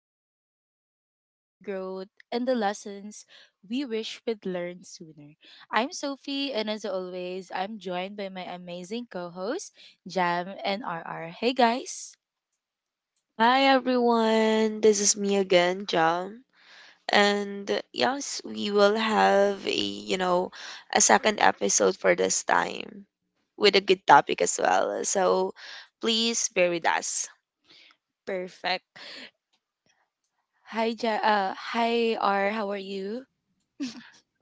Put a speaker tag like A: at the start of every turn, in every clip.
A: we reflect on life, growth, and the lessons we wish we'd learned sooner. I'm Sophie, and as always, I'm joined by my amazing co hosts, Jam and RR. Hey, guys.
B: Hi everyone, this is me again, Jam. And yes, we will have a second episode for this time with a good topic as well. So please bear with us.
A: Perfect. Hi, R. How are you?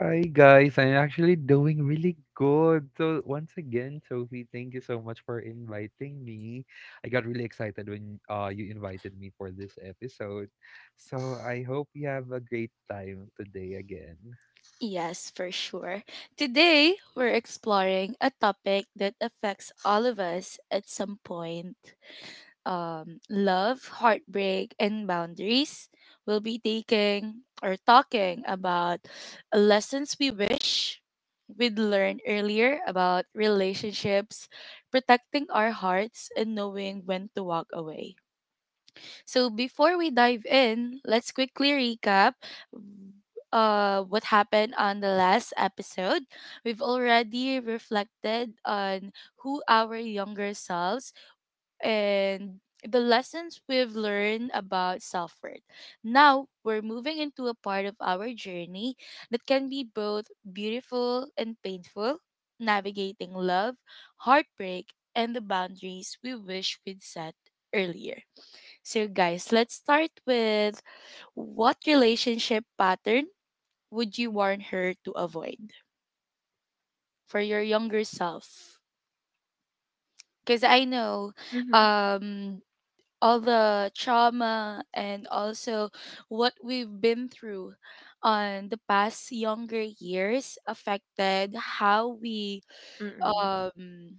C: Hi guys, I'm actually doing really good. So once again, Sophie, thank you so much for inviting me. I got really excited when you invited me for this episode. So I hope you have a great time today again.
A: Yes, for sure. Today, we're exploring a topic that affects all of us at some point love, heartbreak, and boundaries. We'll be taking or talking about lessons we wish we'd learned earlier about relationships, protecting our hearts, and knowing when to walk away. So, before we dive in, let's quickly recap what happened on the last episode. We've already reflected on who our younger selves and the lessons we've learned about self worth. Now we're moving into a part of our journey that can be both beautiful and painful, navigating love, heartbreak, and the boundaries we wish we'd set earlier. So, guys, let's start with what relationship pattern would you warn her to avoid for your younger self? Because I know
B: Mm-hmm.
A: um, all the trauma and also what we've been through on the past younger years affected
B: Mm-mm.
A: um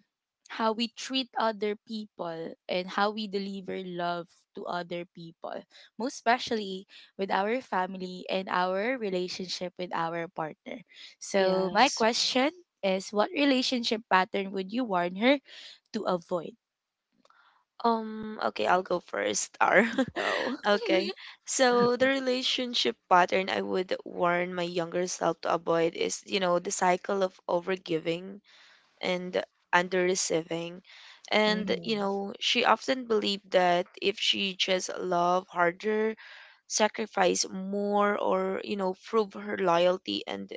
A: how we treat other people and how we deliver love to other people, most especially with our family and our relationship with our partner. So my
B: Yes.
A: question is, what relationship pattern would you warn her to avoid?
B: Okay, I'll go first, R.
A: So
B: Okay. So the relationship pattern I would warn my younger self to avoid is, the cycle of overgiving and under receiving. And, she often believed that if she just love harder, sacrifice more, or, prove her loyalty and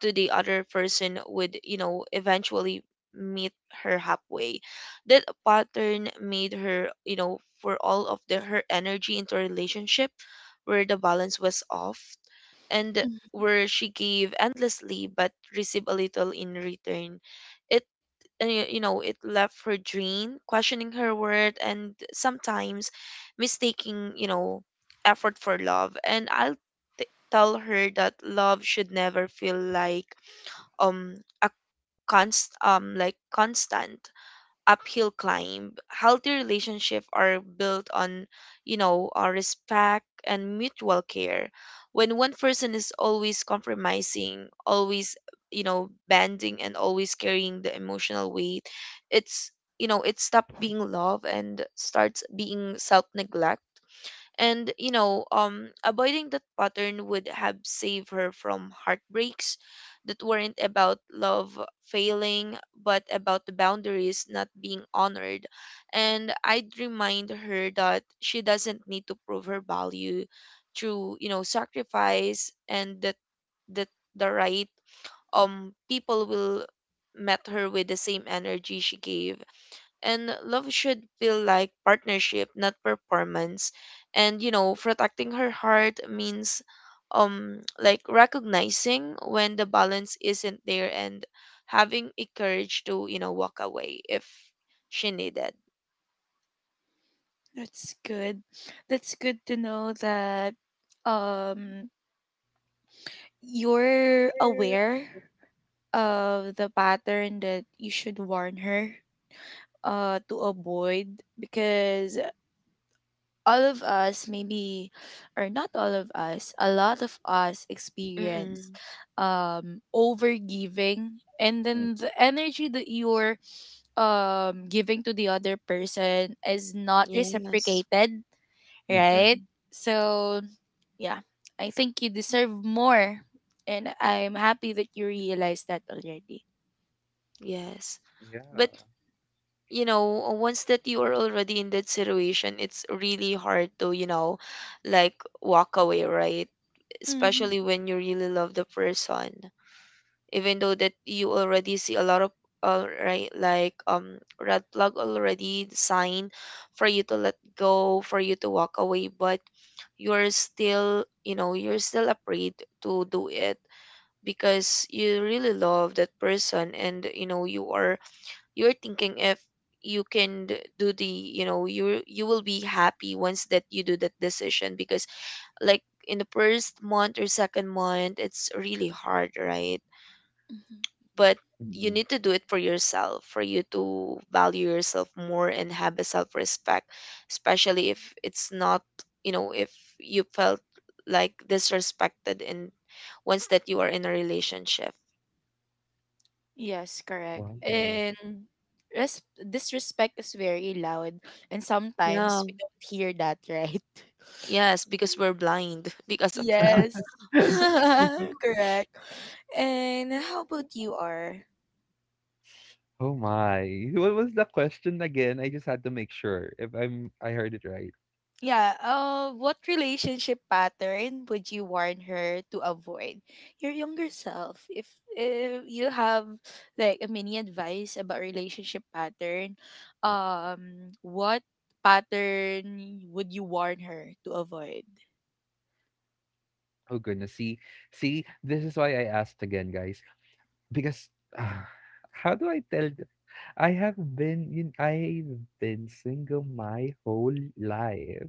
B: to the other person would, eventually meet her halfway. That pattern made her, for all of the her energy into a relationship where the balance was off and where she gave endlessly but received a little in return. It it left her drained, questioning her worth, and sometimes mistaking, effort for love. And I'll tell her that love should never feel like um a const like constant uphill climb. Healthy relationships are built on, respect and mutual care. When one person is always compromising, always, bending and always carrying the emotional weight, it's you know it stops being love and starts being self neglect. And avoiding that pattern would have saved her from heartbreaks that weren't about love failing, but about the boundaries not being honored. And I'd remind her that she doesn't need to prove her value through, sacrifice, and that the right people will met her with the same energy she gave, and love should feel like partnership, not performance. And protecting her heart means recognizing when the balance isn't there and having a courage to, walk away if she needed.
A: that's good. That's good to know that um you're aware of the pattern that you should warn her to avoid, because all of us maybe, or not all of us, a lot of us experience
B: Mm-mm.
A: overgiving, and then the energy that you're giving to the other person is not
B: Yes.
A: reciprocated,
C: Mm-mm.
A: right?
B: Mm-mm.
A: So, yeah, I think you deserve more. And I'm happy that you realized that already.
B: Yes. But
C: Yeah.
B: once that you are already in that situation, it's really hard to, like walk away, right?
A: Mm-hmm.
B: Especially when you really love the person. Even though that you already see a lot of red flag already sign for you to let go, for you to walk away, but you're still, you're still afraid to do it because you really love that person, and you're thinking if you can do the you will be happy once that you do that decision, because like in the first month or second month it's really hard, right?
A: Hmm.
B: But you
C: Mm-mm.
B: need to do it for yourself, for you to value yourself more and have a self respect, especially if it's not, if you felt like disrespected in once that you are in a relationship.
A: Yes, correct.
C: Wow.
A: And disrespect is very loud, and
B: Yeah.
A: sometimes we don't hear that, right?
B: Yes, because we're blind because of love.
A: Yes. Correct. And how about you, R?
C: Oh my. What was the question again? I just had to make sure if I heard it right.
A: Yeah. What relationship pattern would you warn her to avoid? Your younger self. If you have like a mini advice about relationship pattern, what pattern would you warn her to avoid?
C: Oh goodness. See, see, this is why I asked again, guys. Because, ah, how do I tell them? I've been single my whole life.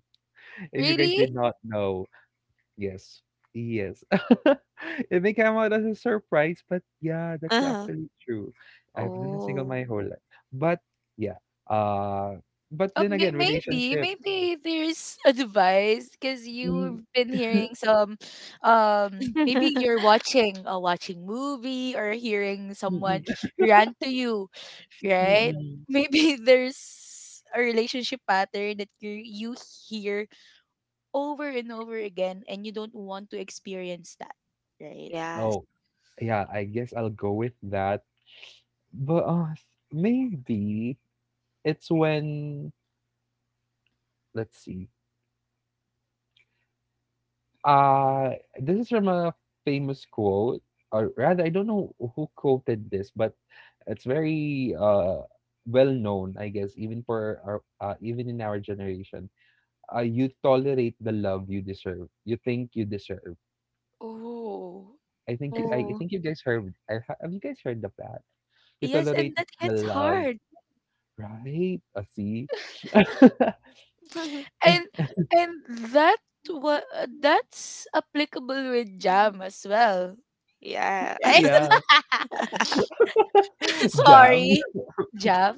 C: If you guys
A: Really?
C: did not know, yes, yes. It may come out as a surprise, but yeah, that's
B: Uh-huh.
C: actually true. I've been single
B: Oh.
C: my whole life. But yeah, uh, but then again,
A: Maybe,
C: relationship.
A: maybe there's advice because you've
C: Mm,
A: been hearing some, maybe you're watching movie or hearing
C: mm,
A: someone
C: mm,
A: rant to you,
C: mm,
A: right?
C: mm.
A: Maybe there's a relationship pattern that you hear over and over again and you don't want to experience that, right?
B: Yes.
C: Oh, yeah, I guess I'll go with that. But maybe it's when Let's see. Uh, this is from a famous quote, or rather, I don't know who quoted this, but it's very well known, I guess, even for our even in our generation. You tolerate the love you deserve. You think you deserve.
A: Oh. And,
C: I
B: Oh.
C: think you guys heard. Have you guys heard of that? You
A: yes,
C: tolerate
A: and that hits
C: the love,
A: hard.
C: right? See, I
A: And and that what, that's applicable with jam as well,
B: Yeah.
A: right?
C: yeah, Jam,
A: Sorry, jam.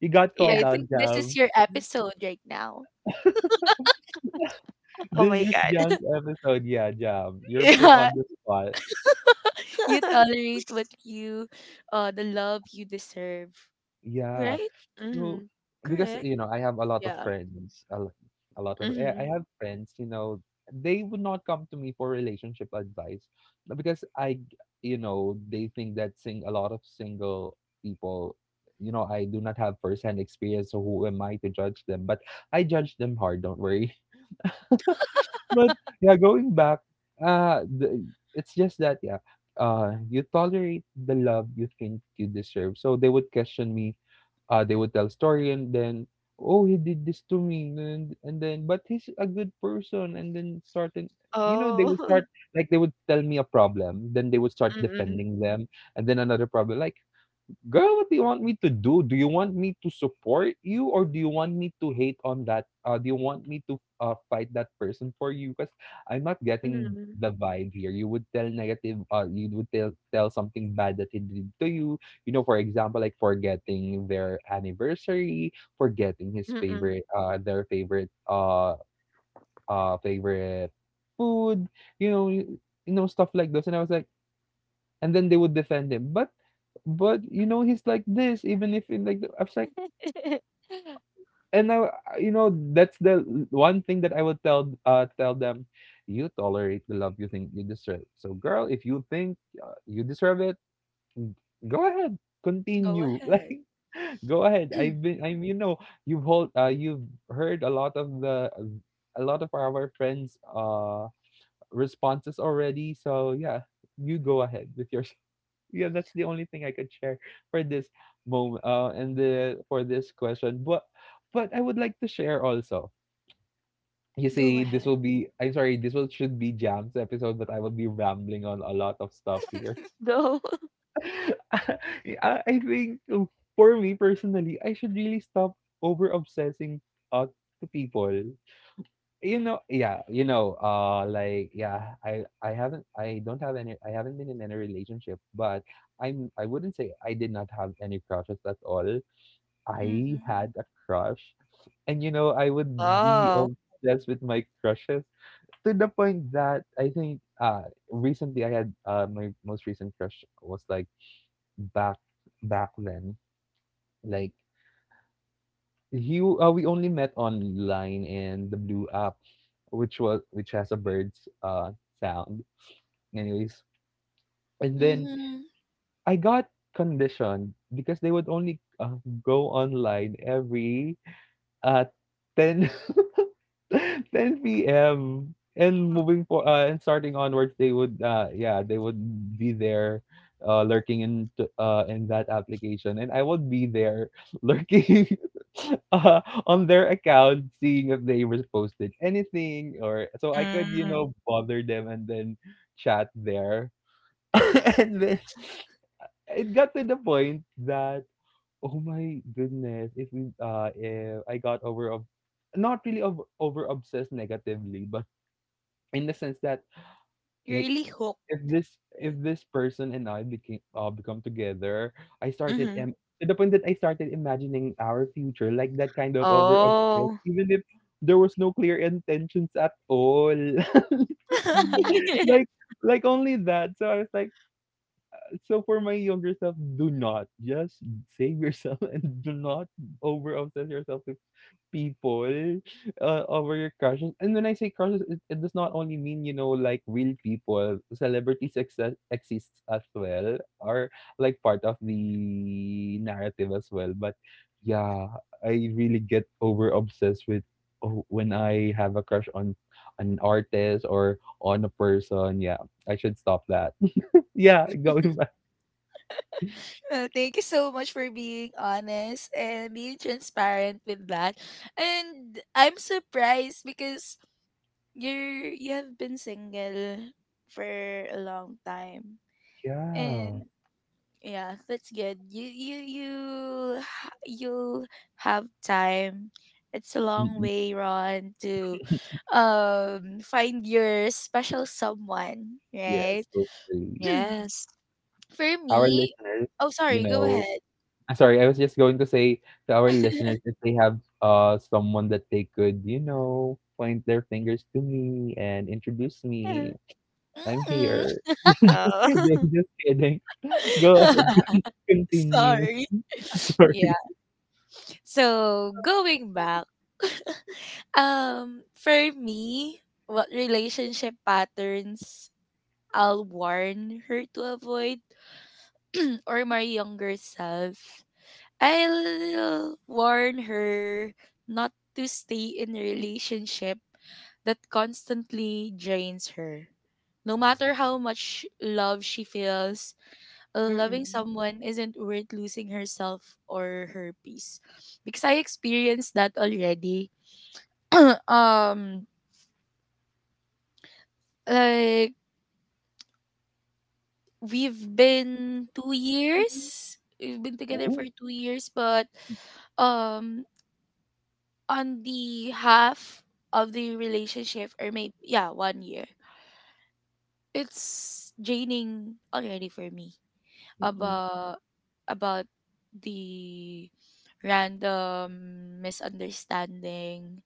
C: you got
B: Yeah.
C: called
A: I
C: out,
A: think this is
C: Jam.
A: your episode right now.
B: Oh
C: This
B: my
C: is John's
B: God.
C: episode, yeah, Jam. You're put
A: Yeah.
C: on the spot.
A: you tolerate what you The love you deserve.
C: Yeah.
A: Right?
C: So,
B: Mm-hmm.
C: because,
A: Correct?
C: you know, I have a lot of
A: Yeah.
C: friends, a, lo- a lot of, I
B: Mm-hmm.
C: have friends, you know, they would not come to me for relationship advice because you know, they think that sing a lot of single people, you know, I do not have first-hand experience, so who am I to judge them? But I judge them hard, don't worry. But yeah, going back, uh, the, it's just that you tolerate the love you think you deserve. So they would question me. They would tell a story and then, oh, he did this to me, and then, but he's a good person, and then started. You know, they would
B: Oh.
C: start they would tell me a problem, then they would start
B: Mm-mm.
C: defending them, and then another problem. Like, girl, what do you want me to do? Do you want me to support you or do you want me to hate on that? Do you want me to fight that person for you? Because I'm not getting
B: Mm-mm.
C: the vibe here. You would tell something bad that he did to you. You know, for example, like forgetting their anniversary,
B: Mm-mm.
C: their favorite food, you know, you you know, stuff like this. And I was like, and then they would defend him. But you know he's like this even if in I was like and I you know that's the one thing that I would tell tell them you tolerate the love you think you deserve. So girl, if you think you deserve it, go ahead,
A: Go
C: continue like
A: ahead.
C: go ahead. I'm you've hold you've heard a lot of the a lot of our friends responses already. So yeah, you go ahead with your yeah, that's the only thing I could share for this moment and the for this question. But I would like to share also. You
A: Go
C: see, this
A: ahead.
C: will be I'm sorry, this will should be Jam's episode, but I will be rambling on a lot of stuff here.
B: Go.
C: I think for me personally, I should really stop over obsessing uh, to people I haven't I don't have any I haven't been in any relationship but I wouldn't say I did not have any crushes at all. I
A: Mm-hmm.
C: had a crush and you know I would be
B: Wow.
C: obsessed with my crushes to the point that I think recently I had my most recent crush was like back back then, like you we only met online in the blue app, which was which has a bird's sound, anyways, and then
A: Mm-hmm.
C: I got conditioned because they would only go online every uh 10 10 p.m. And moving for and starting onwards, they would they would be there, lurking in that application, and I would be there lurking, uh on their account, seeing if they was posted anything or so I could you
B: Mm.
C: know bother them and then chat there, and then it got to the point that oh my goodness. If I got over of not really over obsessed negatively, but in the sense that
A: You're
C: like
A: really hooked,
C: if
A: right?
C: this person and I became become together, I started
B: Mm-hmm.
C: to the point that I started imagining our future, like that kind of over obsessed,
B: Oh.
C: even if there was no clear intentions at all. like like only that. So I was like, so for my younger self, do not just save yourself and do not over obsess yourself with people over your crushes. And when I say crushes, it does not only mean you know like real people. Celebrities exists as well, are like part of the narrative as well. But yeah, I really get over obsessed with oh, when I have a crush on an artist or on a person. Yeah, I should stop that. Yeah, going back.
A: Well, thank you so much for being honest and being transparent with that. And I'm surprised because you have been single for a long time.
C: Yeah.
A: And yeah, that's good. You'll have time. It's a long
C: Mm,
A: way, Ron, to find your special someone, right?
C: yes, hopefully.
B: Yes.
A: For
C: Our
A: me,
C: listeners,
A: oh
C: you
A: sorry, go
C: know
A: ahead.
C: I'm sorry, I was just going to say to our listeners if they have someone that they could, you know, point their fingers to me and introduce me. I'm
A: Mm.
C: here. Just
B: Oh.
C: kidding, just kidding. Go ahead, continue.
A: Sorry. Yeah.
C: Sorry.
A: So going back, for me, what relationship patterns I'll warn her to avoid, or my younger self, I'll warn her not to stay in a relationship that constantly drains her. No matter how much love she feels, loving
B: Mm-mm.
A: someone isn't worth losing herself or her peace. Because I experienced that already. um like, we've been 2 years. We've been together for
C: Ooh,
A: 2 years, but um on the half of the relationship, or maybe yeah, one year, it's draining already for me
C: mm-mm,
A: about about the random misunderstanding,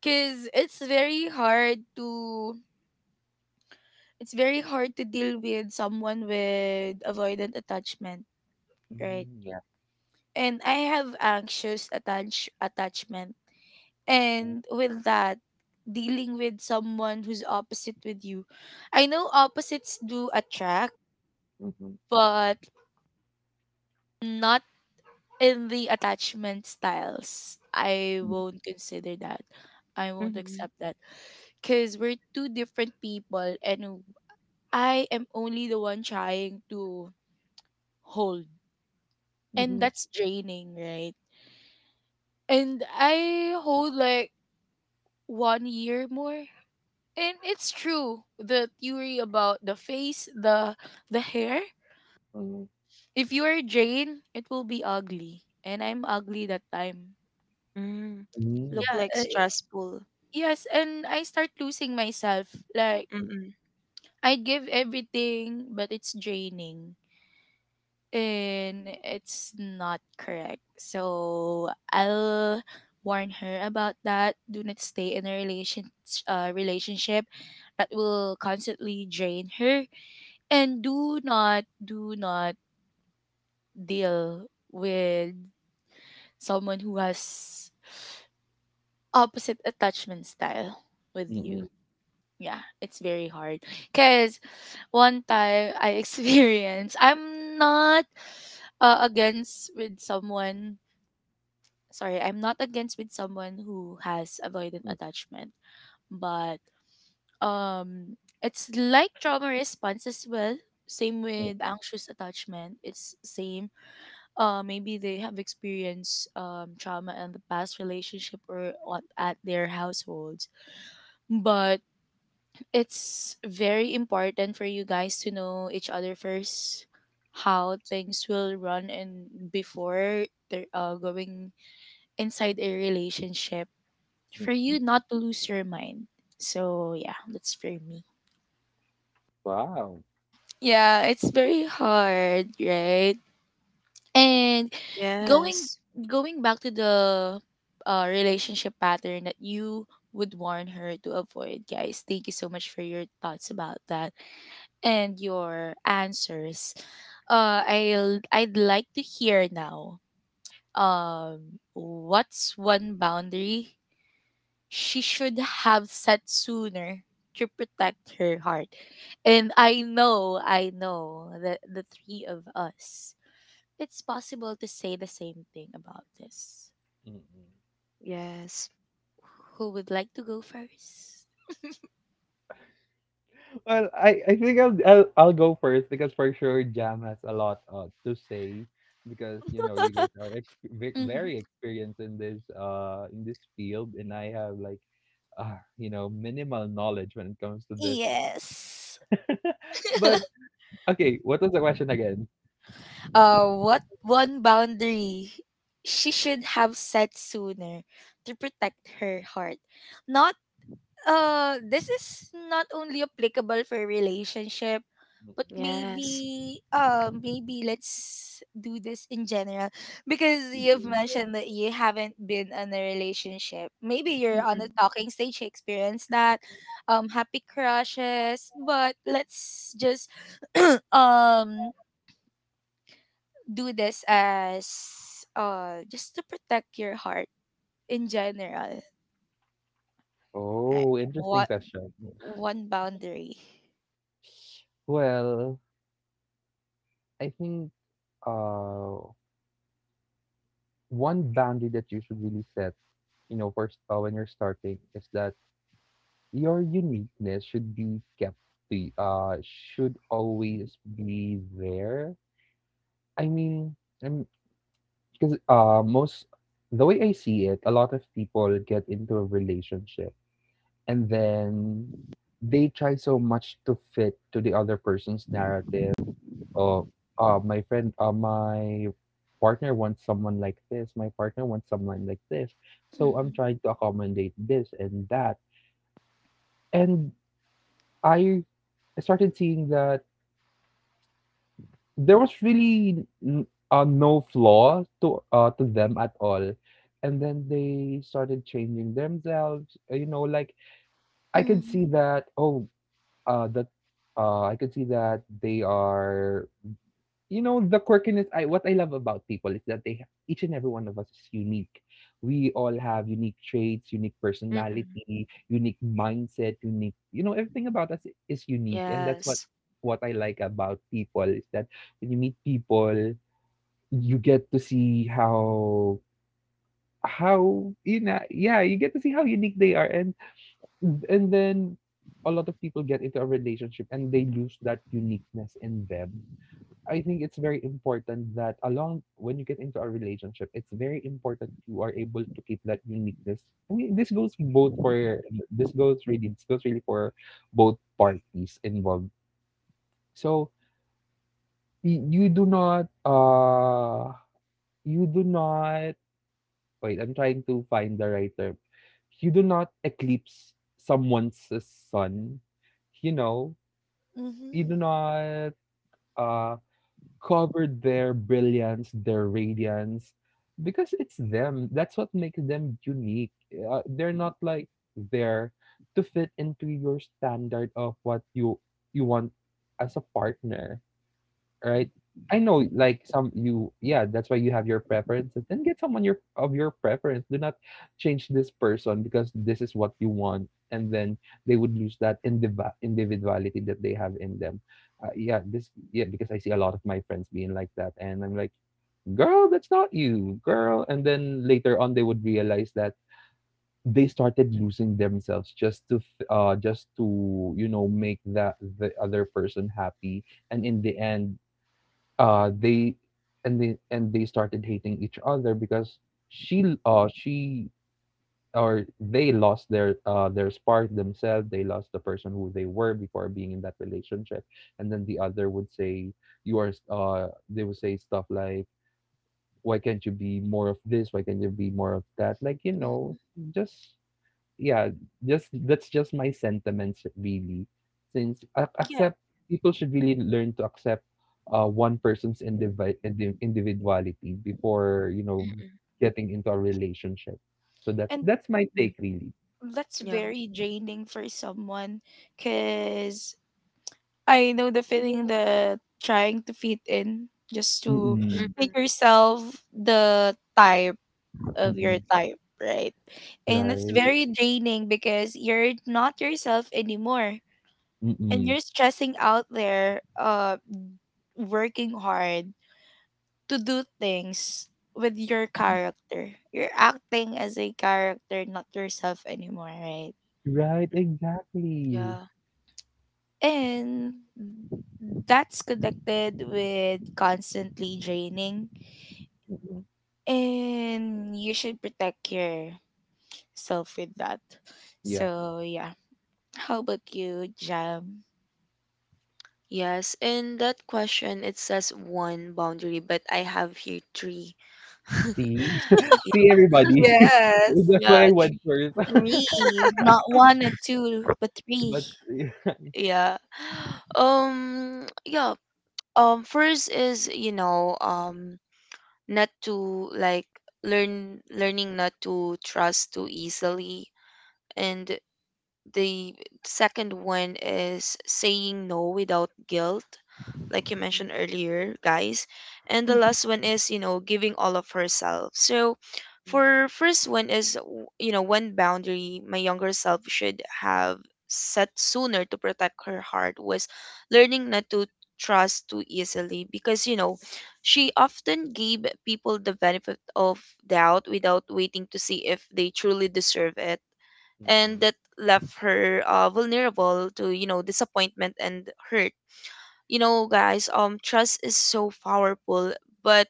A: because it's very hard to deal with someone with avoidant attachment, right?
C: mm, yeah.
A: And I have anxious attach attachment.
C: Ooh,
A: And with that, dealing with someone who's opposite with you. I know opposites do attract,
C: mhm,
A: but not in the attachment styles. I won't consider that. I won't accept that. Because we're two different people, and I am only the one trying to hold. And
C: mhm,
A: that's draining, right? And I hold like one year more. And it's true. The theory about the face, the hair.
C: mhm,
A: If you are Jane, it will be ugly. And I'm ugly that time.
B: Mm. Look
C: mm,
A: Yeah.
B: like stressful.
A: Yes. And I start losing myself. Like,
B: Mm-mm.
A: I give everything, but it's draining, and it's not correct. So I'll warn her about that. Do not stay in a relationship that will constantly drain her, and do not deal with someone who has opposite attachment style with you.
C: mm-mm,
A: Yeah, it's very hard because one time I experienced, not uh, against with someone I'm not against with someone who has avoidant
C: mm,
A: attachment, but it's like trauma response as well. Same
C: mm,
A: with anxious attachment, it's same. Maybe they have experienced trauma in the past relationship, or on, at their households. But it's very important for you guys to know each other first, how things will run, and before they're going inside a relationship, for
C: mm.
A: you not to lose your mind. So, yeah, that's for me.
C: Wow.
A: Yeah, it's very hard, right? And going
B: Yes.
A: going back to the relationship pattern that you would warn her to avoid, guys. Thank you so much for your thoughts about that and your answers. I'll, I'd like to hear now. What's one boundary she should have set sooner to protect her heart? And I know that the three of us, it's possible to say the same thing about this.
C: Mm-mm.
B: Yes.
A: Who would like to go first?
C: Well, I think I'll go first because for sure Jam has a lot to say because you know you guys are
A: Mm-hmm.
C: very experienced in this field and I have like you know minimal knowledge when it comes to this.
A: Yes.
C: But okay, what was the question again?
A: What one boundary she should have set sooner to protect her heart? Not, uh, this is not only applicable for relationship, but
B: Yes.
A: maybe, uh, maybe let's do this in general, because you've mentioned that you haven't been in a relationship, maybe you're on a
B: Mm-mm.
A: talking stage, you experience that, happy crushes, but let's just um do this as, uh, just to protect your heart in general. Like,
C: Oh, interesting
A: what
C: question.
A: one boundary?
C: Well, I think uh one boundary that you should really set, you know, first when you're starting is that your uniqueness should be kept the should always be there. I mean I'm because Most, the way I see it, a lot of people get into a relationship and then they try so much to fit to the other person's narrative. Oh, my partner wants someone like this, so I'm
A: Mm-hmm.
C: trying to accommodate this and that, and I I started seeing that there was really no flaw to them at all, and then they started changing themselves you know, like I could
A: Mm-hmm.
C: see that, oh, that I could see that they are, you know, the quirkiness. I What I love about people is that they each and every one of us is unique. We all have unique traits, unique
B: Mm-mm.
C: personality, unique mindset, unique, you know, everything about us is unique. And that's what
B: Yes.
C: I like about people is that when you meet people you get to see how you get to see how unique they are. And then a lot of people get into a relationship and they lose that uniqueness in them. I think it's very important that along when you get into a relationship it's very important you are able to keep that uniqueness. I mean, this goes both for this goes really for both parties involved. So you do not you do not wait, I'm trying to find the right term. You do not eclipse someone's sun, you know? You do
A: Mm-hmm.
C: not uh, cover their brilliance, their radiance, because it's them. That's what makes them unique. They're not like there to fit into your standard of what you want as a partner, right? I know, like some you, yeah, that's why you have your preferences. Then get someone your of your preference. Do not change this person because this is what you want, and then they would lose that individuality that they have in them. Yeah, this, yeah, because I see a lot of my friends being like that, and I'm like, girl, that's not you, girl. And then later on, they would realize that they started losing themselves just to, just to make that the other person happy and in the end they and they and they started hating each other because she or they lost their spark themselves. They lost the person who they were before being in that relationship. And then the other would say, they would say stuff like, why can't you be more of this? Why can't you be more of that? Like you know just yeah, just that's just my sentiments really. Since ac
A: Yeah,
C: accept People should really learn to accept one person's individuality before, you know,
B: Mm-mm.
C: getting into a relationship. So that's
A: and
C: that's my
B: Mm.
C: take really.
A: that's
B: Yeah.
A: very draining for someone, because I know the feeling
C: Mm.
A: that trying to fit in just to
C: Mm-mm.
B: Mm-mm.
A: make yourself the type of your
C: Mm-mm.
A: type, right? And it's
C: Right.
A: very draining because you're not yourself anymore, and
C: Mm-mm.
A: you're stressing out there, working hard to do things with your character. You're acting as a character, not yourself anymore, right?
C: Right,
B: Mm.
C: exactly.
B: Yeah.
A: And that's connected with constantly draining.
C: Mhm.
A: And you should protect yourself with that.
C: Yeah.
A: So, yeah. How about you, Jam?
B: Yes. In that question, it says one boundary, but I have here three.
C: See? See everybody.
A: Yes.
C: That's why
B: Yeah,
C: I
B: three.
C: went first.
A: Three. Not one or two, but three.
C: But mm.
B: Yeah. Yeah. First is, not to like learning not to trust too easily. And the second one is saying no without guilt, like you mentioned earlier, guys. And the
A: Mm-hmm.
B: last one is, giving all of herself. So, for first one is, one boundary my younger self should have set sooner to protect her heart was learning not to trust too easily, because she often gave people the benefit of doubt without waiting to see if they truly deserve it, and
C: Mm-mm.
B: that left her vulnerable to, disappointment and hurt. Guys, trust is so powerful, but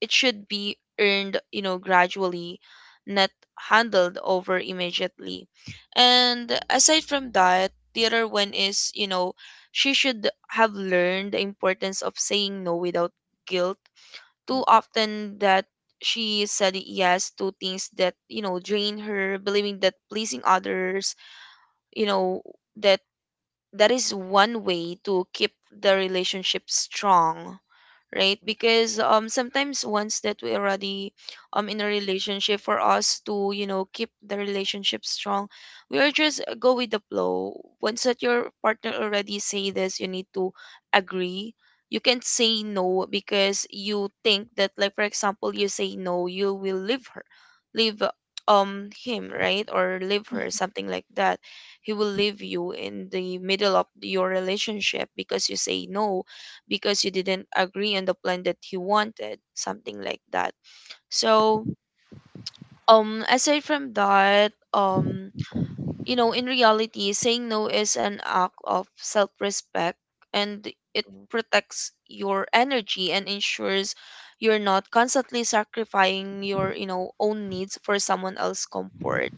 B: it should be earned, gradually, not handled over immediately. And aside from that, the other one is, she should have learned the importance of saying no without guilt. Too
C: Mm-mm.
B: often, that she said yes to things that, drain her, believing that pleasing others, you know that that is one way to keep the relationship strong, right? Because sometimes once that we already, in a relationship, for us to, keep the relationship strong, we are just, go with the flow. Once that your partner already say this, you need to agree. You can't say no, because you think that, like, for example, you say no, you will leave her, leave him, right? Or leave her, something like that. He will leave you in the middle of your relationship because you say no, because you didn't agree on the plan that he wanted, something like that. So, aside from that, in reality, saying no is an act of self-respect, and it
C: Mm-mm.
B: protects your energy and ensures you're not constantly sacrificing your, own needs for someone else's comfort.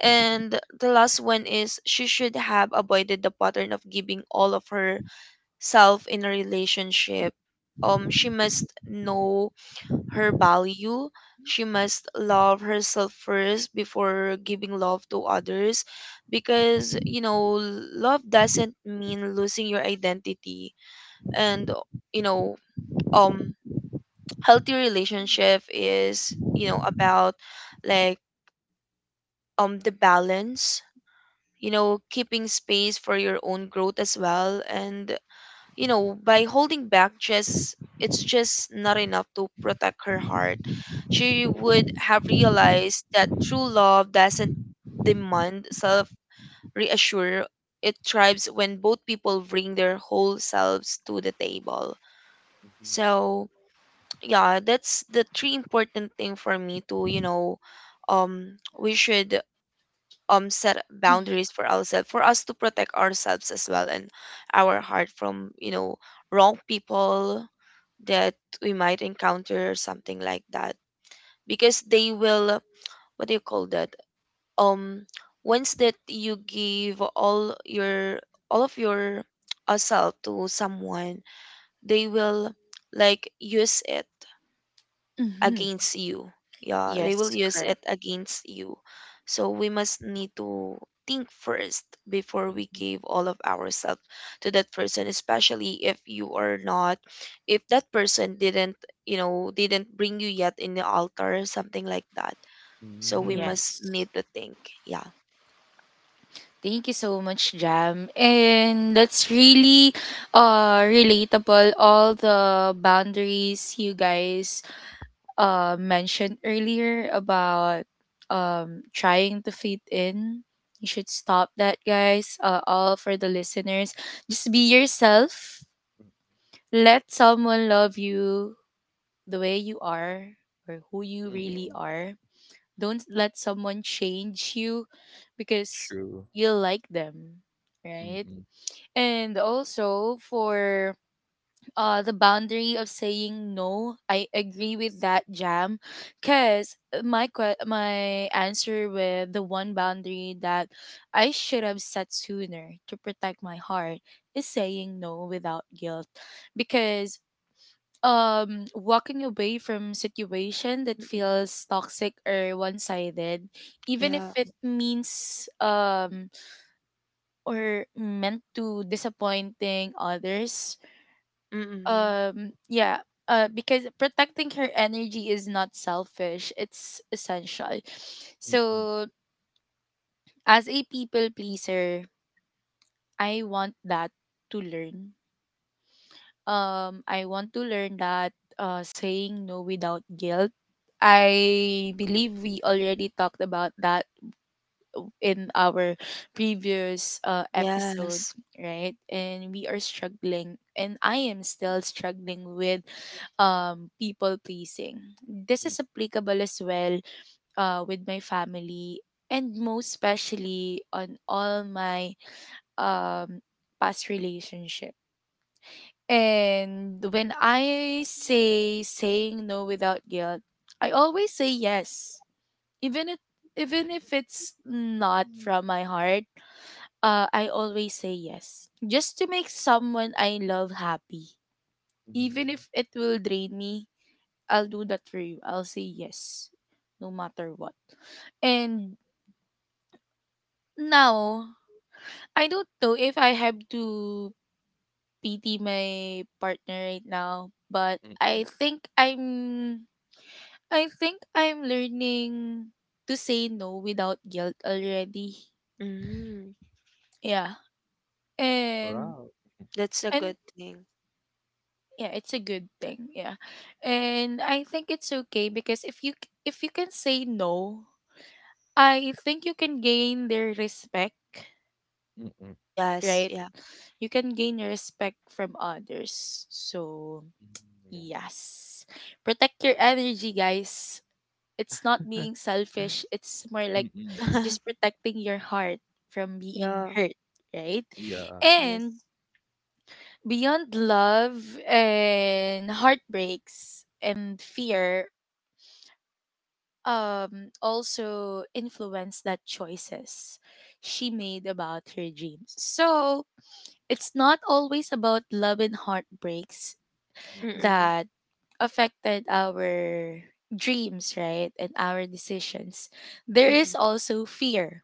B: And the last one is, she should have avoided the pattern of giving all of herself in a relationship. She must know her value. She must love herself first before giving love to others, because love doesn't mean losing your identity. And you know um healthy relationship is, about like the balance, keeping space for your own growth as well. And, by holding back, just it's just not enough to protect her heart. She would have realized that true love doesn't demand self reassure. It thrives when both people bring their whole selves to the table.
C: Mhm,
B: So, yeah, that's the three important thing for me to, we should set boundaries for ourselves, for us to protect ourselves as well and our heart from, wrong people that we might encounter, something like that. Because they will, what do you call that, um once that you give all of your self to someone, they will like use it
A: Mm-hmm.
B: against you. Yeah, they will
A: Yes,
B: use
A: correct.
B: it against you. So we must need to think first before we give all of ourselves to that person, especially if you are not, if that person didn't, didn't bring you yet in the altar, something like that. So we
C: mm,
B: must
A: Yes.
B: need to think. Yeah.
A: Thank you so much, Jam. And that's really relatable, all the boundaries you guys mentioned earlier about trying to fit in. You should stop that, guys. All for the listeners. Just be yourself. Let someone love you the way you are, or who you really
C: mm,
A: are. Don't let someone change you because
C: true.
A: you like them,
C: Mm,
A: right?
C: mm,
A: And also for the boundary of saying no, I agree with that, Jam. Because my, my answer with the one boundary that I should have set sooner to protect my heart is saying no without guilt. Because walking away from situation that
B: Mm-mm.
A: feels toxic or one-sided, even if
B: Yeah.
A: it means or meant to disappointing others,
B: Mm-mm.
A: yeah, because protecting her energy is not selfish, it's essential.
C: mm,
A: So, as a people pleaser, i want that to learn I want to learn that, saying no without guilt. I believe we already talked about that in our previous episode,
B: Yes.
A: right? And we are struggling, and I am still struggling with people pleasing. This is applicable as well with my family, and most especially on all my um, past relationship. And when I say saying no without guilt, I always say yes, even if even if it's not from my heart, I always say yes. Just to make someone I love happy. Even
C: mhm,
A: if it will drain me, I'll do that for you. I'll say yes, no matter what. And now, I don't know if I have to pity my partner right now, but
C: mm.
A: I think I'm learning to say no without guilt already.
B: Mm.
A: Yeah. And
C: Wow.
B: That's a
A: and
B: good thing.
A: yeah, it's a good thing. Yeah. And I think it's okay, because if you can say no, I think you can gain their respect,
C: Mm, mm,
B: Yes.
A: right?
B: Yeah.
A: You can gain respect from others. So,
C: yeah.
A: yes, protect your energy, guys. It's not being selfish, it's more like
C: Mm,
A: just protecting your heart from being
B: Yeah.
A: hurt, right?
C: yeah.
B: Yes.
A: And beyond love and heartbreaks and fear, also influenced that choices she made about her dreams. So, it's not always about love and heartbreaks
C: Mm.
B: Mm-mm.
A: that affected our dreams, right? And our decisions. There
B: Mm-mm.
A: is also fear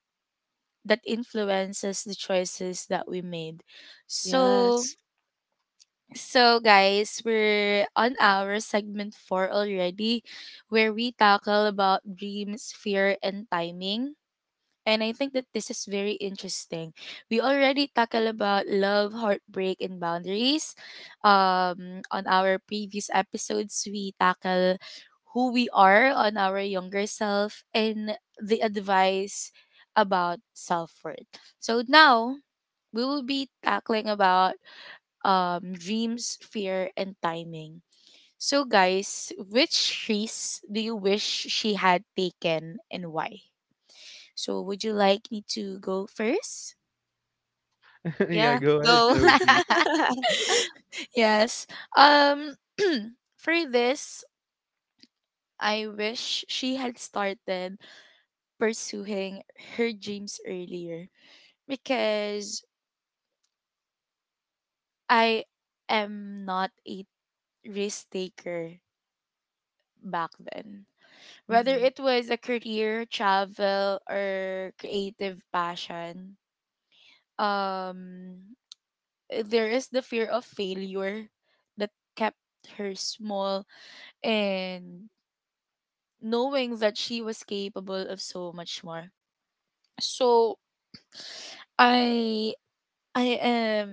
A: that influences the choices that we made. So
B: Yes.
A: so guys, we're on our segment 4 already where we tackle about dreams, fear and timing. And I think that this is very interesting. We already tackled about love, heartbreak, and boundaries. On our previous episodes, we tackle who we are on our younger self and the advice about self worth. So now we will be tackling about dreams, fear, and timing. So, guys, which trees do you wish she had taken and why? So, would you like me to go first?
C: yeah,
B: Yeah.
C: go ahead,
B: Go.
C: Sophie.
A: Yes. Um for this, I wish she had started pursuing her dreams earlier because I am not a risk taker back then. Whether
B: Hmm.
A: it was a career, travel or creative passion, um there is the fear of failure that kept her small and knowing that she was capable of so much more. So I I am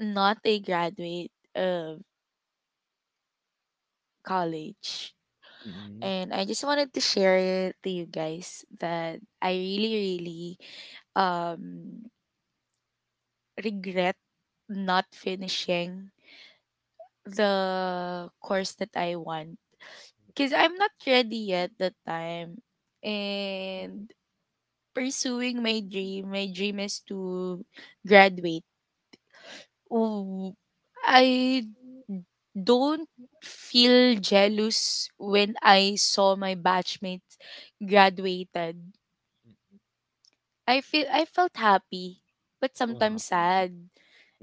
A: not a graduate of college
C: Mm,
A: and I just wanted to share it to you guys that I really really um regret not finishing the course that I want because I'm not ready yet that time. And pursuing my dream is to graduate. Ooh, I don't feel jealous when I saw my batchmates graduated.
C: mm.
A: I feel I felt happy, but sometimes
C: Wow.
A: sad.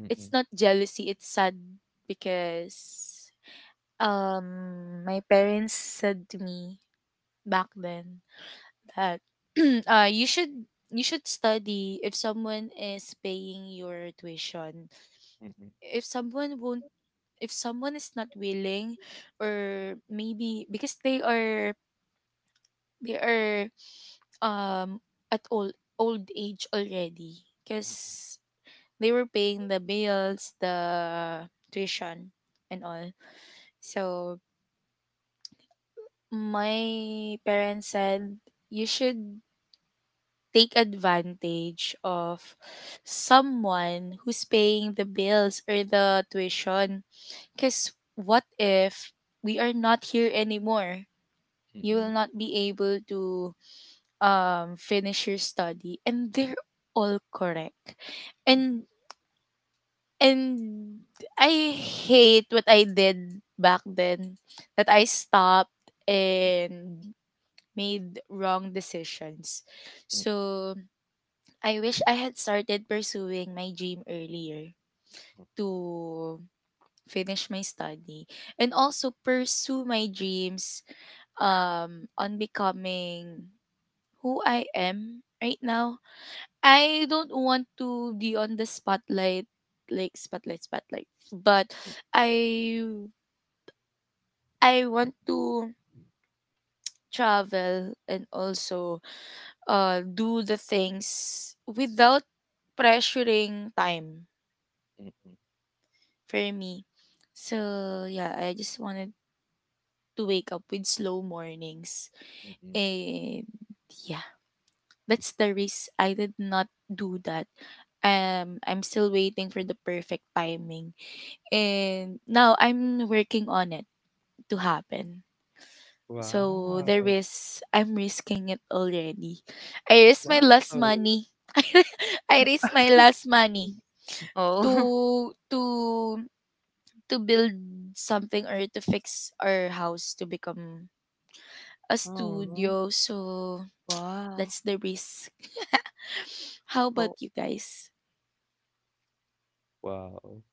C: Mm,
A: It's
C: mm,
A: not jealousy, it's sad because um my parents said to me back then that uh you should you should study if someone is paying your tuition
C: mm,
A: if someone won't if someone is not willing or maybe because they are um at old old age already
C: mm,
A: because they were paying the bills the tuition and all so my parents said you should take advantage of someone who's paying the bills or the tuition because what if we are not here anymore
C: mm,
A: you will
C: mm,
A: not be able to finish your study and they're all correct and
C: mm,
A: and I hate what I did back then that I stopped and made wrong decisions.
C: mm,
A: So I wish I had started pursuing my dream earlier to finish my study and also pursue my dreams on becoming who I am right now. I don't want to be on the spotlight like spotlight spotlight but I I want to travel and also do the things without pressuring time
C: mm,
A: for me. So yeah, I just wanted to wake up with slow mornings.
C: mm, mm.
A: And yeah, that's the risk. I did not do that. I'm still waiting for the perfect timing. And now I'm working on it to happen. So there
C: Wow.
A: is I'm risking it already. I risked my
C: Wow.
A: last money. I risked my last money
B: Oh.
A: to to build something or to fix our house to become a
C: Oh.
A: studio. So
B: Wow.
A: that's the risk. How about
B: Oh.
A: you guys?
C: Wow.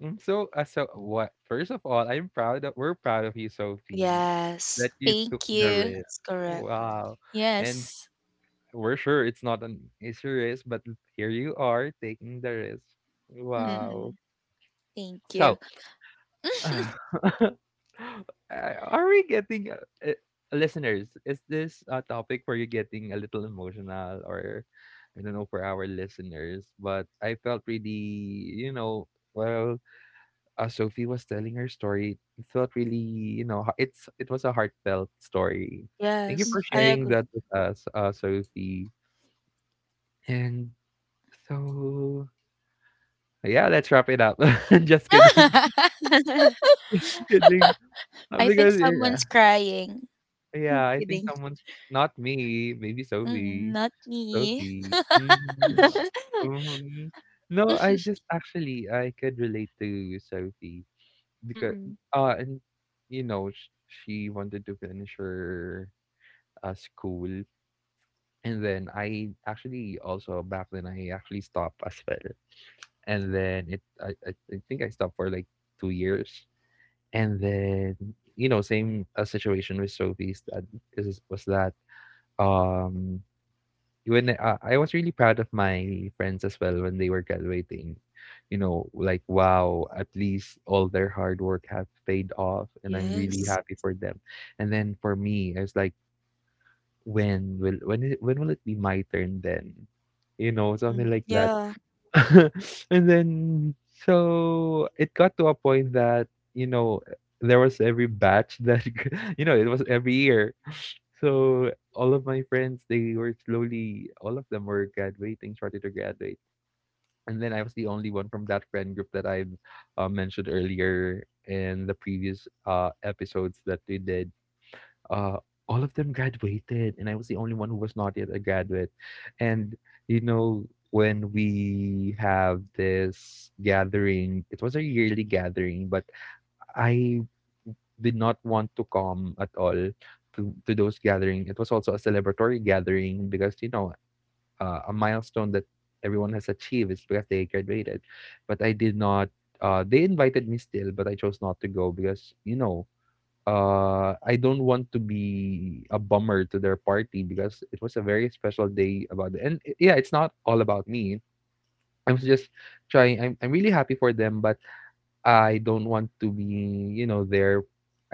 C: Mm. So, so what? First of all, I'm proud of we're proud of you, Sophie,
B: Yes.
C: that you took
A: Thank
C: the
A: you.
C: risk.
B: That's correct.
C: Wow, and
A: Yes.
C: we're sure it's not an easy risk, but here you are taking the risk.
A: Hmm.
C: Wow.
B: Mm-mm.
A: Thank you.
C: So, Are we getting uh, listeners? Is this a topic where you're getting a little emotional, or I don't know for our listeners? But I felt really, you know, well Sophie was telling her story, it felt really, you know, it was a heartfelt story. Thank you
B: Yes.
C: for
B: I
A: Mhm.
C: sharing
B: agree.
C: that with us, Sophie. And so, yeah, let's wrap it up. Just kidding, kidding.
A: I think
C: Because yeah,
A: someone's crying. I'm
C: yeah, I think
A: kidding.
C: someone's not me, maybe
A: Mm,
C: Sophie.
A: not me.
C: Sophie. Mhm, mhm. No, I just actually I could relate to Sophie because
B: Mm-mm.
C: and you know she wanted to finish her school. And then I actually also back then I actually stopped as well. And then it I think I stopped for like two years. And then you know same situation with Sophie's that is was that um when I was really proud of my friends as well when they were graduating. You know, like wow, at least all their hard work have paid off, and I'm really
B: Yes.
C: happy for them. And then for me, I was like, when will it be my turn then? You know,
B: Mhm.
C: something like that.
B: Yeah.
C: and then so it got to a point that, you know, there was every batch that, you know, it was every year. So all of my friends, they were slowly all of them were graduating, started to graduate. And then I was the only one from that friend group that I mentioned earlier in the previous episodes that we did. uh, all of them graduated, and I was the only one who was not yet a graduate. And you know, when we have this gathering, it was a yearly gathering, but I did not want to come at all to those gathering. It was also a celebratory gathering because you know a milestone that everyone has achieved is because they graduated, but I did not. They invited me still, but I chose not to go because you know I don't want to be a bummer to their party because it was a very special day about it. And yeah, it's not all about me. I was just trying I'm really happy for them, but I don't want to be, you know, there.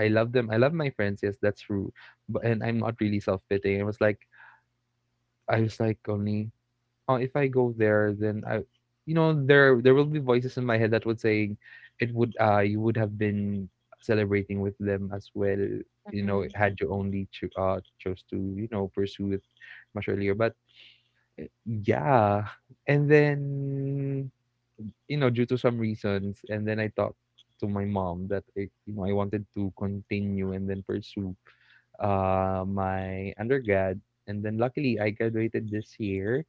C: I love them. I love my friends, yes, that's true. But and I'm not really self-pitying. I was like, only if I go there, then you know, there will be voices in my head that would say, it would you would have been celebrating with them as well, you know,
B: Mm-mm.
C: had you only chose to you know pursue it much earlier. But yeah, and then you know due to some reasons, and then I talked to my mom that you know I wanted to continue and then pursue my undergrad, and then luckily I graduated this year.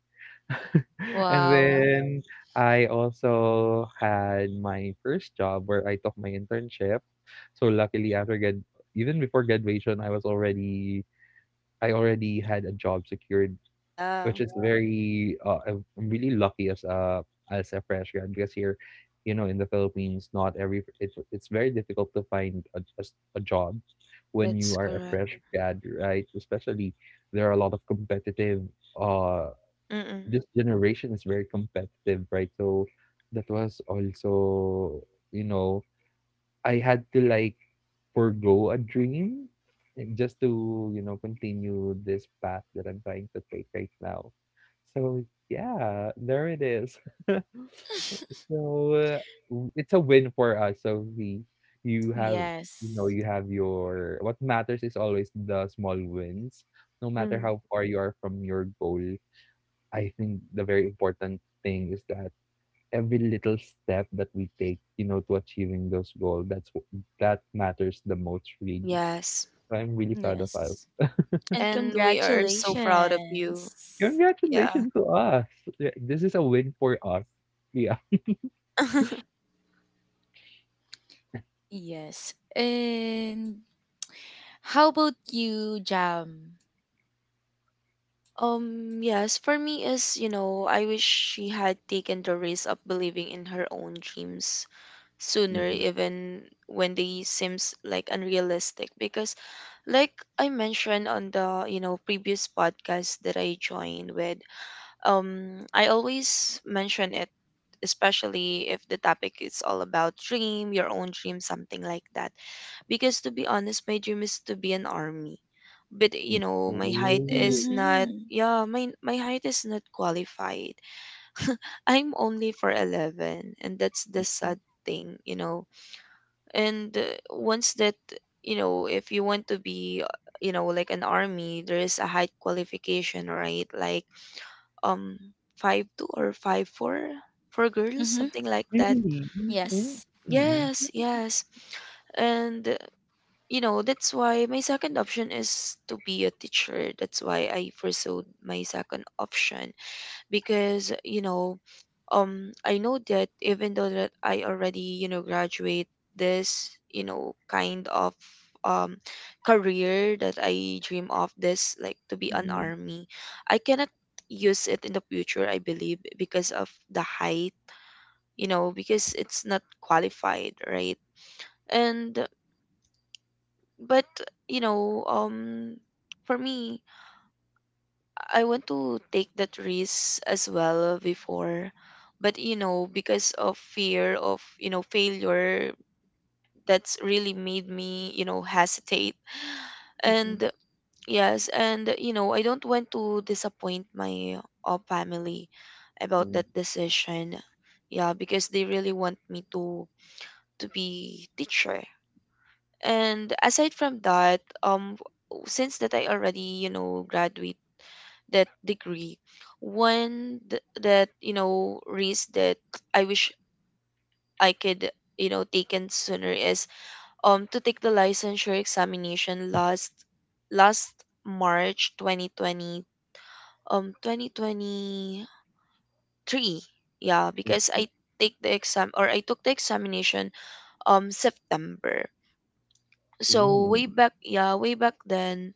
C: And
A: Wow.
C: then I also had my first job where I took my internship. So luckily after grad, even before graduation I already had a job secured,
B: Yeah.
C: which is very I'm really lucky as a fresh grad because here, you know, in the Philippines, not every it, it's very difficult to find a job when you
B: That's
C: are a
B: correct.
C: fresh grad, right? Especially there are a lot of competitive uh
B: Mm-mm.
C: this generation is very competitive, right? So that was also, you know, I had to like forego a dream, just to, you know, continue this path that I'm trying to take right now. So yeah, there it is. So it's a win for us. You have, you know,
A: Yes.
C: you have your, what matters is always the small wins no matter
B: Mm.
C: how far you are from your goal. I think the very important thing is that every little step that we take, you know, to achieving those goals, that matters the most, really.
B: Yes.
C: So I'm really proud of us.
A: Yes. And
B: And we are so proud of
A: congratulations.
B: you. Yeah.
C: Congratulations to us. Yeah, this is a win for us. Yeah.
A: Yes. And how about you, Jam?
B: Yes, for me is, I wish she had taken the risk of believing in her own dreams sooner,
C: Mhm,
B: even when they seems like unrealistic. Because, like I mentioned on the, previous podcast that I joined with, I always mention it, especially if the topic is all about dream, your own dream, something like that. Because to be honest, my dream is to be an army. But you
C: mhm.
B: know, my height
C: Oh.
B: is not
A: Mm-hmm.
B: yeah, my height is not qualified. I'm only for 11, and that's the sad thing. And once that, if you want to be, like an army, there is a height qualification, right? Like um 5'2" or 5'4" for girls,
A: Mm-hmm.
B: something like that.
C: Really? Oh.
A: Yes.
C: Mm-mm.
B: Yes, yes. And that's why my second option is to be a teacher. That's why I pursued my second option, because I know that even though that I already, graduate this, um career that I dream of, this like to be an
C: Mhm,
B: army, I cannot use it in the future, I believe, because of the height, because it's not qualified, right? And but, you know um for me, I want to take that risk as well before. But you know, because of fear of, failure, that's really made me, hesitate.
C: mhm,
B: And yes, and I don't want to disappoint my, family about
C: mhm,
B: that decision. Yeah, because they really want me to be teacher. And aside from that, since that I already, you know, graduated that degree that you know risk that I wish I could, you know, taken sooner is to take the licensure examination last march 2020, 2023. Yeah, because I take the exam or I took the examination, september. So way
C: mhm,
B: back, yeah, way back then.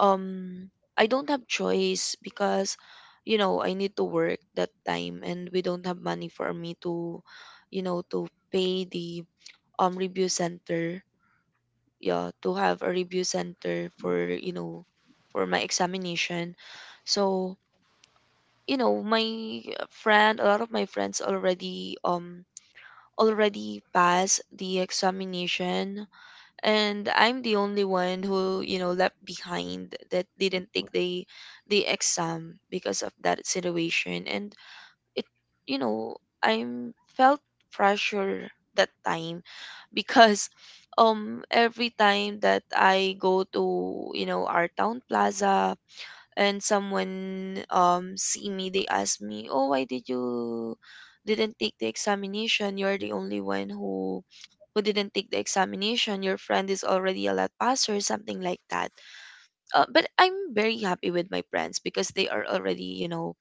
B: um I don't have choice because you know I need to work that time and we don't have money for me to, you know, to pay the review center. Yeah, to have a review center for, you know, for my examination. So you know my friend a lot of my friends already already passed the examination, and I'm the only one who you know left behind that didn't take the exam because of that situation. And it, you know, I'm felt pressure that time. Because every time that I go to, you know, our town plaza and someone, see me, they ask me, oh, why did you didn't take the examination? You're the only one who didn't take the examination. Your friend is already a lot passer, something like that. But I'm very happy with my friends because they are already, you know,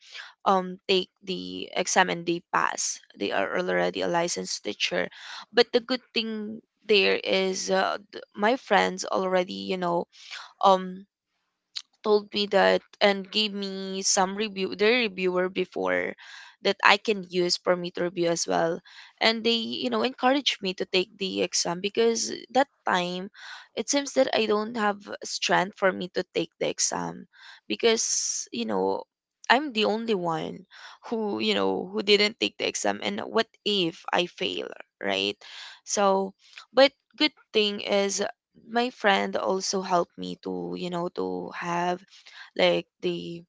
B: take the exam and they pass. They are already a licensed teacher. But the good thing there is my friends already, you know, um told me that and gave me some review, their reviewer before, that I can use for me to review as well. And they, you know, encouraged me to take the exam because that time it seems that I don't have strength for me to take the exam because, you know, I'm the only one who, you know, who didn't take the exam, and what if I fail, right? So, but good thing is my friend also helped me to, you know, to have like the,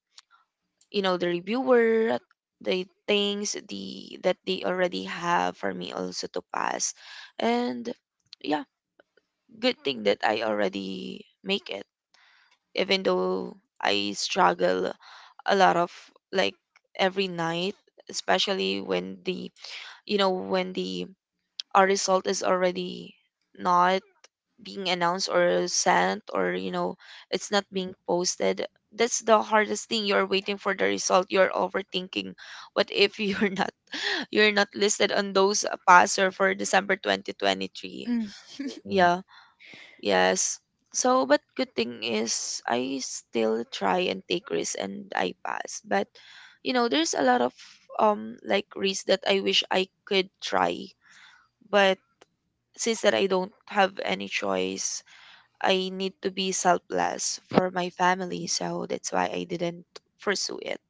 B: you know, the reviewer, the things the that they already have for me also to pass. And yeah, good thing that I already make it. Even though I struggle a lot of, like, every night, especially when the, you know, when the our result is already not being announced or sent or, you know, it's not being posted. That's the hardest thing. You're waiting for the result, you're overthinking. What if you're not you're not listed on those passer for december 2023.
A: Mm,
C: mhm,
B: Yeah. Yes. So but good thing is I still try and take risks and I pass. But you know there's a lot of like risks that I wish I could try, but since that I don't have any choice, I need to be selfless for my family, so that's why I didn't pursue it.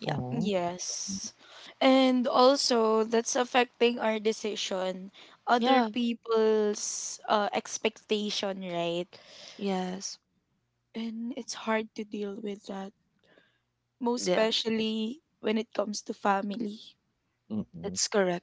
B: Yeah.
C: aw,
A: yes. And also, that's affecting our decision, other
B: Yeah.
A: people's expectation, right?
B: Yes.
A: And it's hard to deal with that, most
B: Yeah.
A: especially when it comes to family.
C: mhm.
B: That's correct.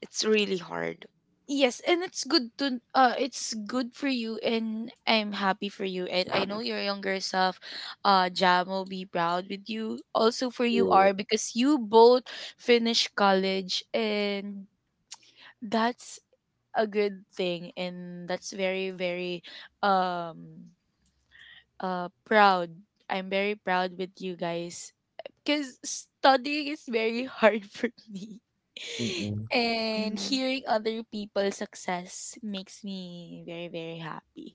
B: It's really hard.
A: Yes, and it's good to it's good for you and I'm happy for you and I know your younger self Jam will be proud with you also for you are
C: True.
A: because you both finished college and that's a good thing and that's very very um proud. I'm very proud with you guys because studying is very hard for me.
C: Mm-mm.
A: And
B: Mm.
A: hearing other people's success makes me very, very happy.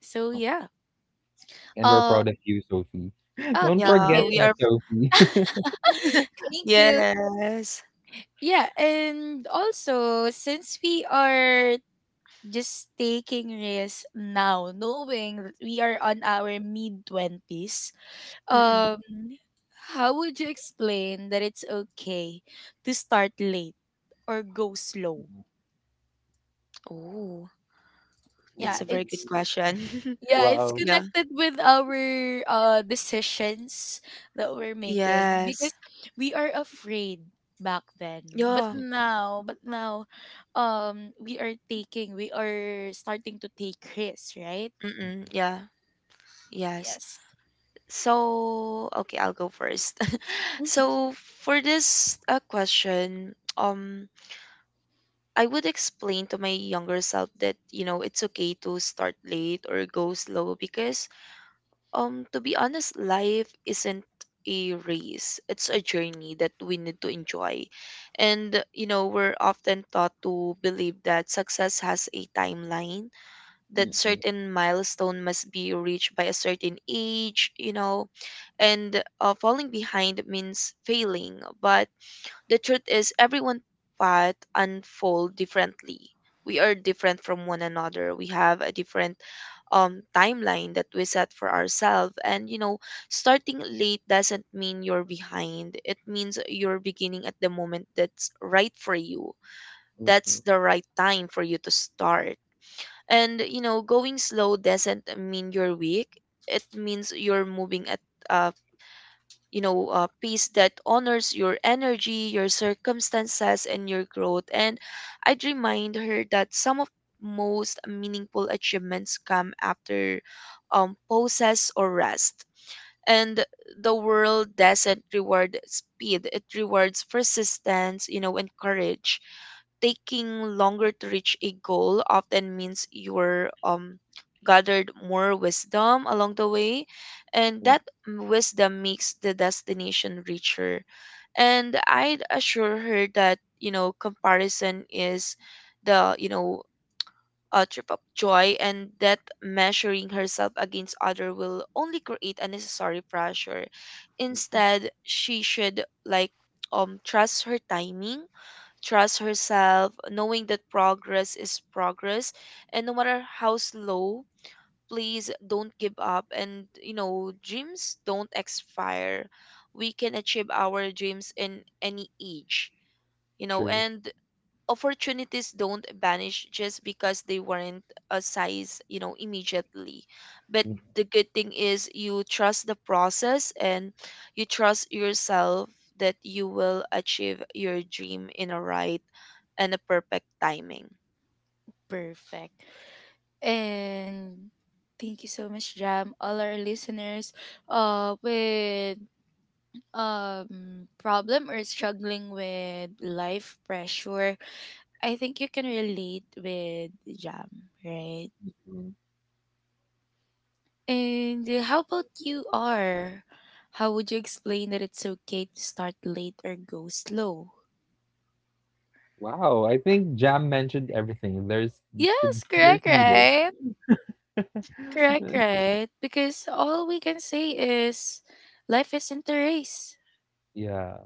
A: So yeah.
C: And we're
A: Uh,
C: proud of you, Sophie.
A: oh,
C: Don't
A: thank
B: Yeah,
C: forget
A: you.
B: we
C: that,
B: are.
C: Sophie.
A: Thank you.
B: Yes.
A: Yeah, and also since we are just taking risks now, knowing that we are on our mid twenties,
B: Mm-mm.
A: Um, how would you explain that it's okay to start late or go slow?
B: Oh,
A: Yeah,
B: that's a very good
A: it's
C: Ooh.
B: question.
A: yeah, it's
C: Wow.
B: Yeah.
A: connected with our decisions that we're making because
B: Yes.
A: we are afraid back then. But
B: Yeah.
C: Mm,
A: now, but now we are taking, we are starting to take risks, right?
B: Mm-mm. Yeah. Yes.
A: Yes.
B: So, okay, I'll go first. So, for this question, I would explain to my younger self that, you know, it's okay to start late or go slow because to be honest, life isn't a race. It's a journey that we need to enjoy. And you know we're often taught to believe that success has a timeline, that
C: mm, mm,
B: certain milestone must be reached by a certain age, you know, and falling behind means failing. But the truth is, everyone path unfold differently. We are different from one another. We have a different timeline that we set for ourselves. And you know, starting late doesn't mean you're behind. It means you're beginning at the moment that's right for you.
C: mm,
B: That's
C: mm.
B: the right time for you to start. And you know, going slow doesn't mean you're weak. It means you're moving at a, you know, peace that honors your energy, your circumstances and your growth. And I'd remind her that some of most meaningful achievements come after pauses or rest. And the world doesn't reward speed, it rewards persistence, you know, and courage. Taking longer to reach a goal often means you're gathered more wisdom along the way, and that wisdom makes the destination richer. And I'd assure her that, you know, comparison is the, you know, a trip of joy, and that measuring herself against other will only create unnecessary pressure. Instead she should, like, trust her timing, trust herself, knowing that progress is progress. And no matter how slow, please don't give up. And, you know, dreams don't expire. We can achieve our dreams in any age, you know,
C: True.
B: and opportunities don't vanish just because they weren't a size, you know, immediately. But the good thing is you trust the process and you trust yourself that you will achieve your dream in a right and a perfect timing.
A: Perfect. And thank you so much, Jam. All our listeners with problem or struggling with life pressure. I think you can relate with Jam, right?
C: Mhm.
A: And how about you are? How would you explain that it's okay to start late or go slow?
C: Wow, I think Jam mentioned everything. The
A: Yes, correct,
C: there's needed.
A: right? Correct, right? Because all we can say is life isn't a race.
C: Yeah.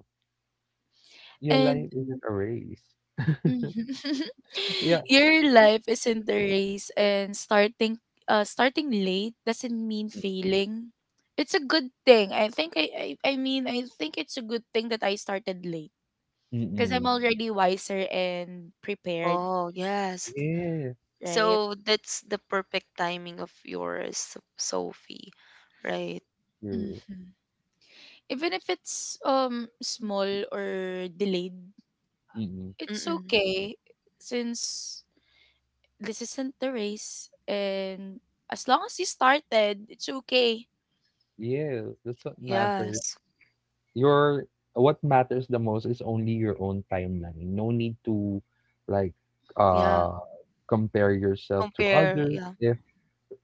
C: Yeah,
A: And
C: life isn't a race.
A: Mhm.
C: Yeah.
A: Your life isn't a race, and starting starting late doesn't mean failing. It's a good thing. I think it's a good thing that I started late because I'm
C: Mm-mm.
A: already wiser and prepared,
B: Oh, yes.
C: Yes,
A: right?
B: So that's the perfect timing of yours, So, Sophie, right?
C: true.
A: Hmm. Even if it's small or delayed,
C: Mm-mm.
A: it's
B: Mm-mm.
A: okay since this isn't the race and as long as you started, it's okay.
C: Yes, that's what
B: Yes.
C: matters. Your What matters the most is only your own timeline. No need to like
B: Yeah.
C: uh compare yourself to
B: Compare.
C: others
B: Yeah.
C: if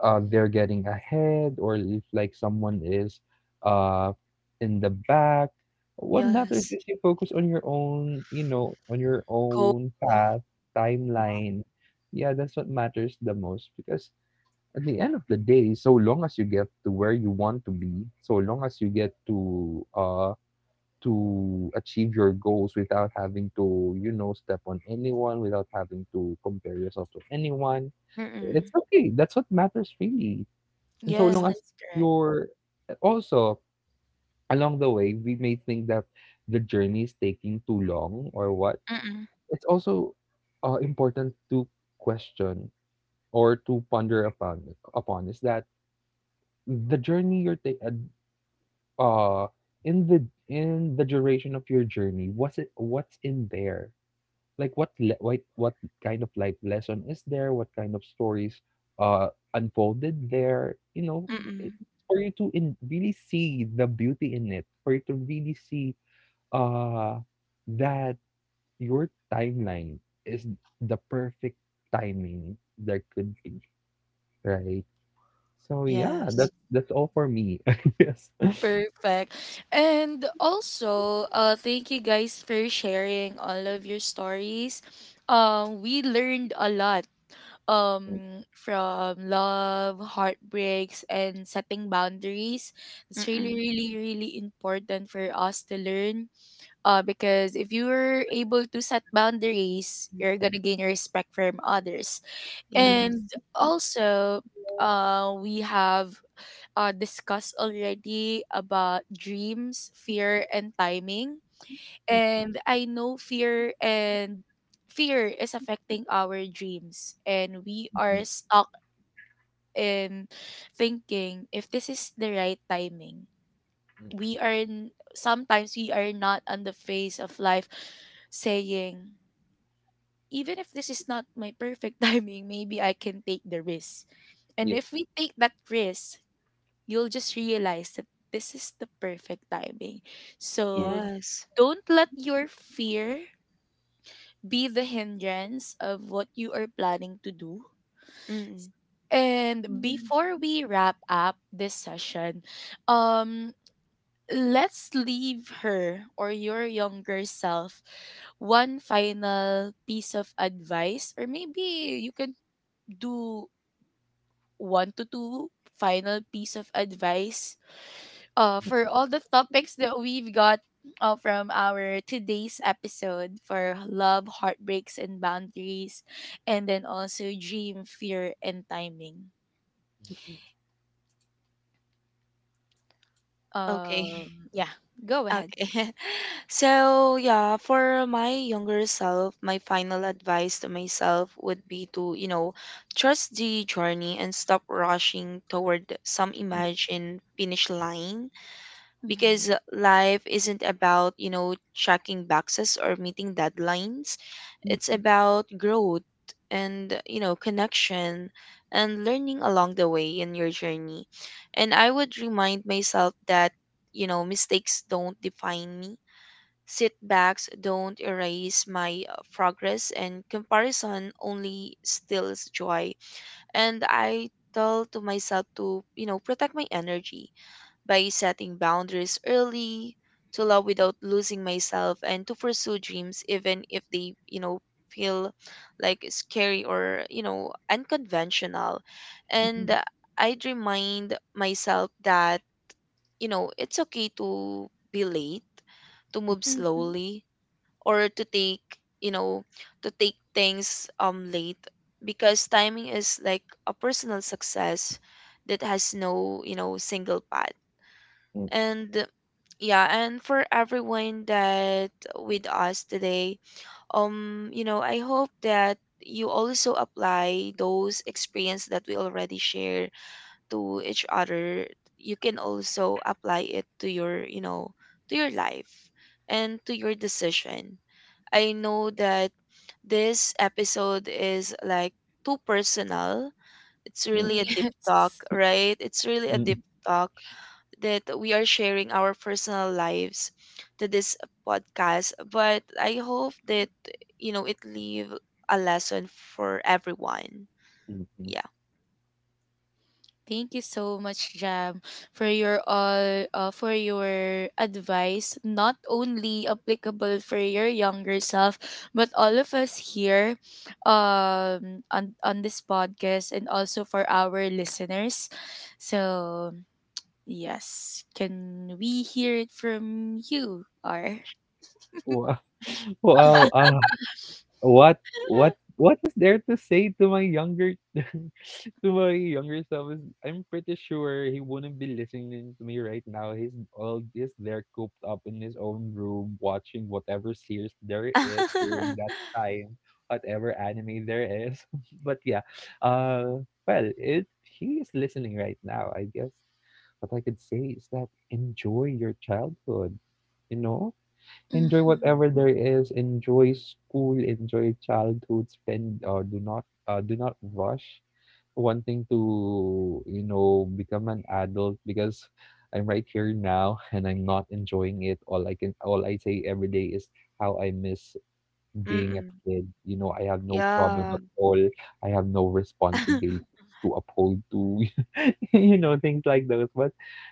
C: they're getting ahead or if like someone is, uh, in the back. What matters
B: Yes.
C: is you focus on your own, you know, on your
B: Goal.
C: own path, timeline. Yeah, that's what matters the most because at the end of the day, so long as you get to where you want to be, so long as you get to achieve your goals without having to, you know, step on anyone, without having to compare yourself to anyone, it's
B: Mm-mm.
C: okay. That's what matters really. And so
A: Yes,
C: long
B: Yeah.
C: as
A: that's correct.
C: you're, also along the way, we may think that the journey is taking too long or what.
B: Mm-mm.
C: It's also important to question or to ponder upon upon is that the journey you're taking uh in the in the duration of your journey, what's it what's in there? Like what le- what kind of life lesson is there, what kind of stories uh unfolded there, you know, it,
B: Mm-mm.
A: Mhm.
C: for you to really see the beauty in it, for you to really see uh that your timeline is the perfect timing there could be, right? So yeah,
B: Yes.
C: that's all for me. yes.
A: Perfect. And also, thank you guys for sharing all of your stories. We learned a lot from love, heartbreaks, and setting boundaries. It's really,
B: Mm-mm.
A: really, really important for us to learn. Because if you are able to set boundaries, you're gonna gain respect from others.
C: Yes.
B: Yes.
A: And also, we have discussed already about dreams, fear, and timing. And I know fear is affecting our dreams, and we are stuck in thinking if this is the right timing. We are n- sometimes we are not on the phase of life saying even if this is not my perfect timing, maybe I can take the risk. And
C: Yes.
A: if we take that risk, you'll just realize that this is the perfect timing.
C: Yes.
A: So
B: Yes.
A: don't let your fear be the hindrance of what you are planning to do.
B: Mm-mm.
A: And before we wrap up this session, um, let's leave her or your younger self one final piece of advice, or maybe you can do one to two final piece of advice for all the topics that we've got from our today's episode for love, heartbreaks, and boundaries, and then also dream, fear, and timing.
B: Okay.
A: Yeah, go ahead.
B: Okay. So, yeah, for my younger self, my final advice to myself would be to, you know, trust the journey and stop rushing toward some imagined finish line because life isn't about, you know, checking boxes or meeting deadlines. It's
C: Mm,
B: about growth and, you know, connection and learning along the way in your journey. And I would remind myself that, you know, mistakes don't define me. Setbacks don't erase my progress, and comparison only steals joy. And I tell to myself to, you know, protect my energy by setting boundaries early, to love without losing myself, and to pursue dreams even if they, you know, feel like scary or, you know, unconventional. And
C: mm,
B: I'd remind myself that, you know, it's okay to be late, to move
A: Mm-hmm.
B: slowly, or to take, you know, to take things late, because timing is like a personal success that has no, you know, single path.
C: mm,
B: And yeah, and for everyone that with us today, you know, I hope that you also apply those experience that we already share to each other. You can also apply it to your, you know, to your life and to your decision. I know that this episode is like too personal. It's
C: mm,
B: really
C: mm,
B: a deep talk,
A: Yes.
B: right? It's really a deep
C: mm,
B: talk that we are sharing our personal lives to this podcast. But I hope that, you know, it leave a lesson for everyone.
C: mm, mm.
B: Yeah.
A: Thank you so much, Jam, for your all for your advice, not only applicable for your younger self, but all of us here on this podcast and also for our listeners. So yes, can we hear it from you, R?
C: Wow. wow. What is there to say to my younger, to my younger self is I'm pretty sure he wouldn't be listening to me right now. He's there cooped up in his own room watching whatever series there is during that time, whatever anime there is. but yeah. Uh it he is listening right now, I guess. What I could say is that enjoy your childhood, you know? Enjoy
A: Mm-hmm.
C: whatever there is, enjoy school, enjoy childhood. Spend or do not, do not rush wanting to you know become an adult because I'm right here now and I'm not enjoying it. All I say every day is how I miss being a
B: Mm-mm.
C: kid. You know, I have no problem
B: Yeah.
C: at all, I have no responsibilities to uphold to. you know, things like those. But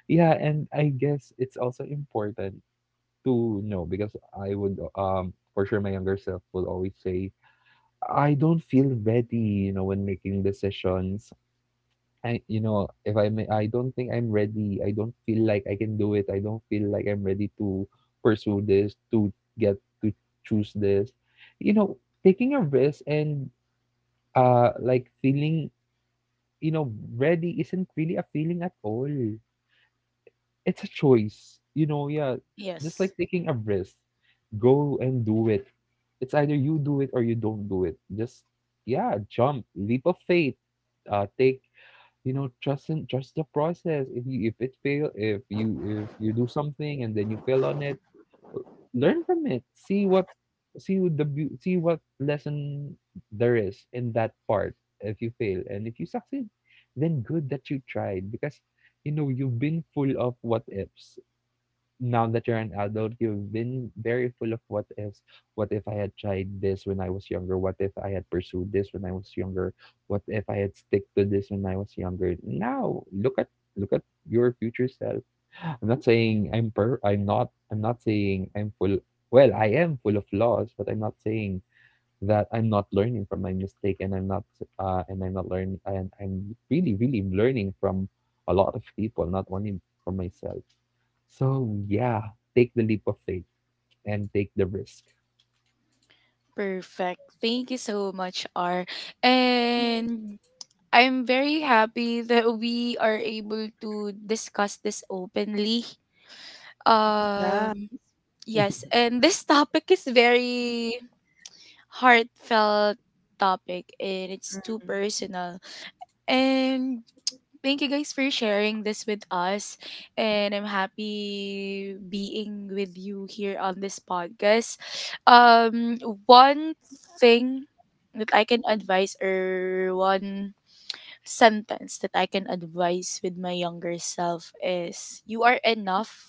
C: yeah, and I guess it's also important to no because I would for sure my younger self will always say I don't feel ready, you know, when making decisions. I you know If I may, I don't think I'm ready, I don't feel like I can do it, I don't feel like I'm ready to pursue this, to get to choose this, you know, taking a risk. And like feeling, you know, ready isn't really a feeling at all. It's a choice, you know, yeah, just
A: Yes.
C: like taking a risk. Go and do it. It's either you do it or you don't do it. Just yeah, jump, leap of faith. Take, you know, trust the process. If it fail, if you do something and then you fail on it, learn from it. See what lesson there is in that part. If you fail and if you succeed, then good that you tried because you know you've been full of what ifs. Now that you're an adult, you've been very full of what ifs. What if I had tried this when I was younger? What if I had pursued this when I was younger? What if I had stick to this when I was younger? Now look at Look at your future self. I'm not saying I'm full. Well, I am full of flaws, but I'm not saying that I'm not learning from my mistake. And I'm not learning, and I'm really, really learning from a lot of people, not only from myself. So yeah, take the leap of faith and take the risk.
A: Perfect. Thank you so much, R. And I'm very happy that we are able to discuss this openly.
B: Yeah.
A: Um, yes, and this topic is very heartfelt topic and it's too
B: Mm-mm.
A: personal. And thank you guys for sharing this with us. And I'm happy being with you here on this podcast. Um, One thing that I can advise or one sentence that I can advise with my younger self is you are enough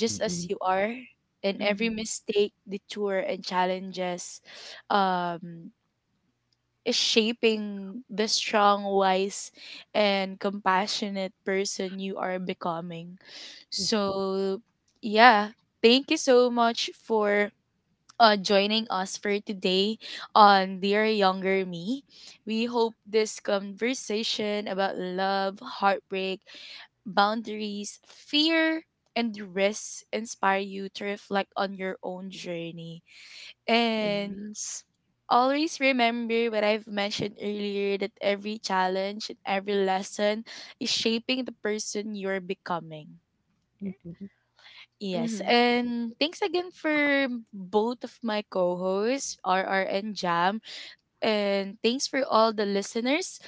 A: just as
C: Mm-mm.
A: you are and every
B: Mm-hmm.
A: mistake, detour and challenges um is shaping the strong, wise and compassionate person you are becoming. So yeah, thank you so much for joining us for today on Dear Younger Me. We hope this conversation about love, heartbreak, boundaries, fear, and risks inspire you to reflect on your own journey. And
B: Yes.
A: always remember what I've mentioned earlier that every challenge and every lesson is shaping the person you're becoming. Yes,
B: Mm-hmm.
A: and thanks again for both of my co-hosts, RR and Jam, and thanks for all the listeners.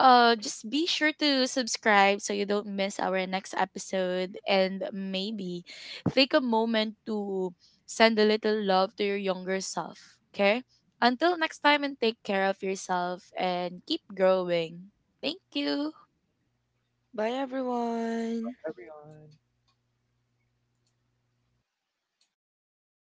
A: Just be sure to subscribe so you don't miss our next episode. And maybe take a moment to send a little love to your younger self. Okay? Until next time, and take care of yourself and keep growing. Thank you.
B: Bye, everyone.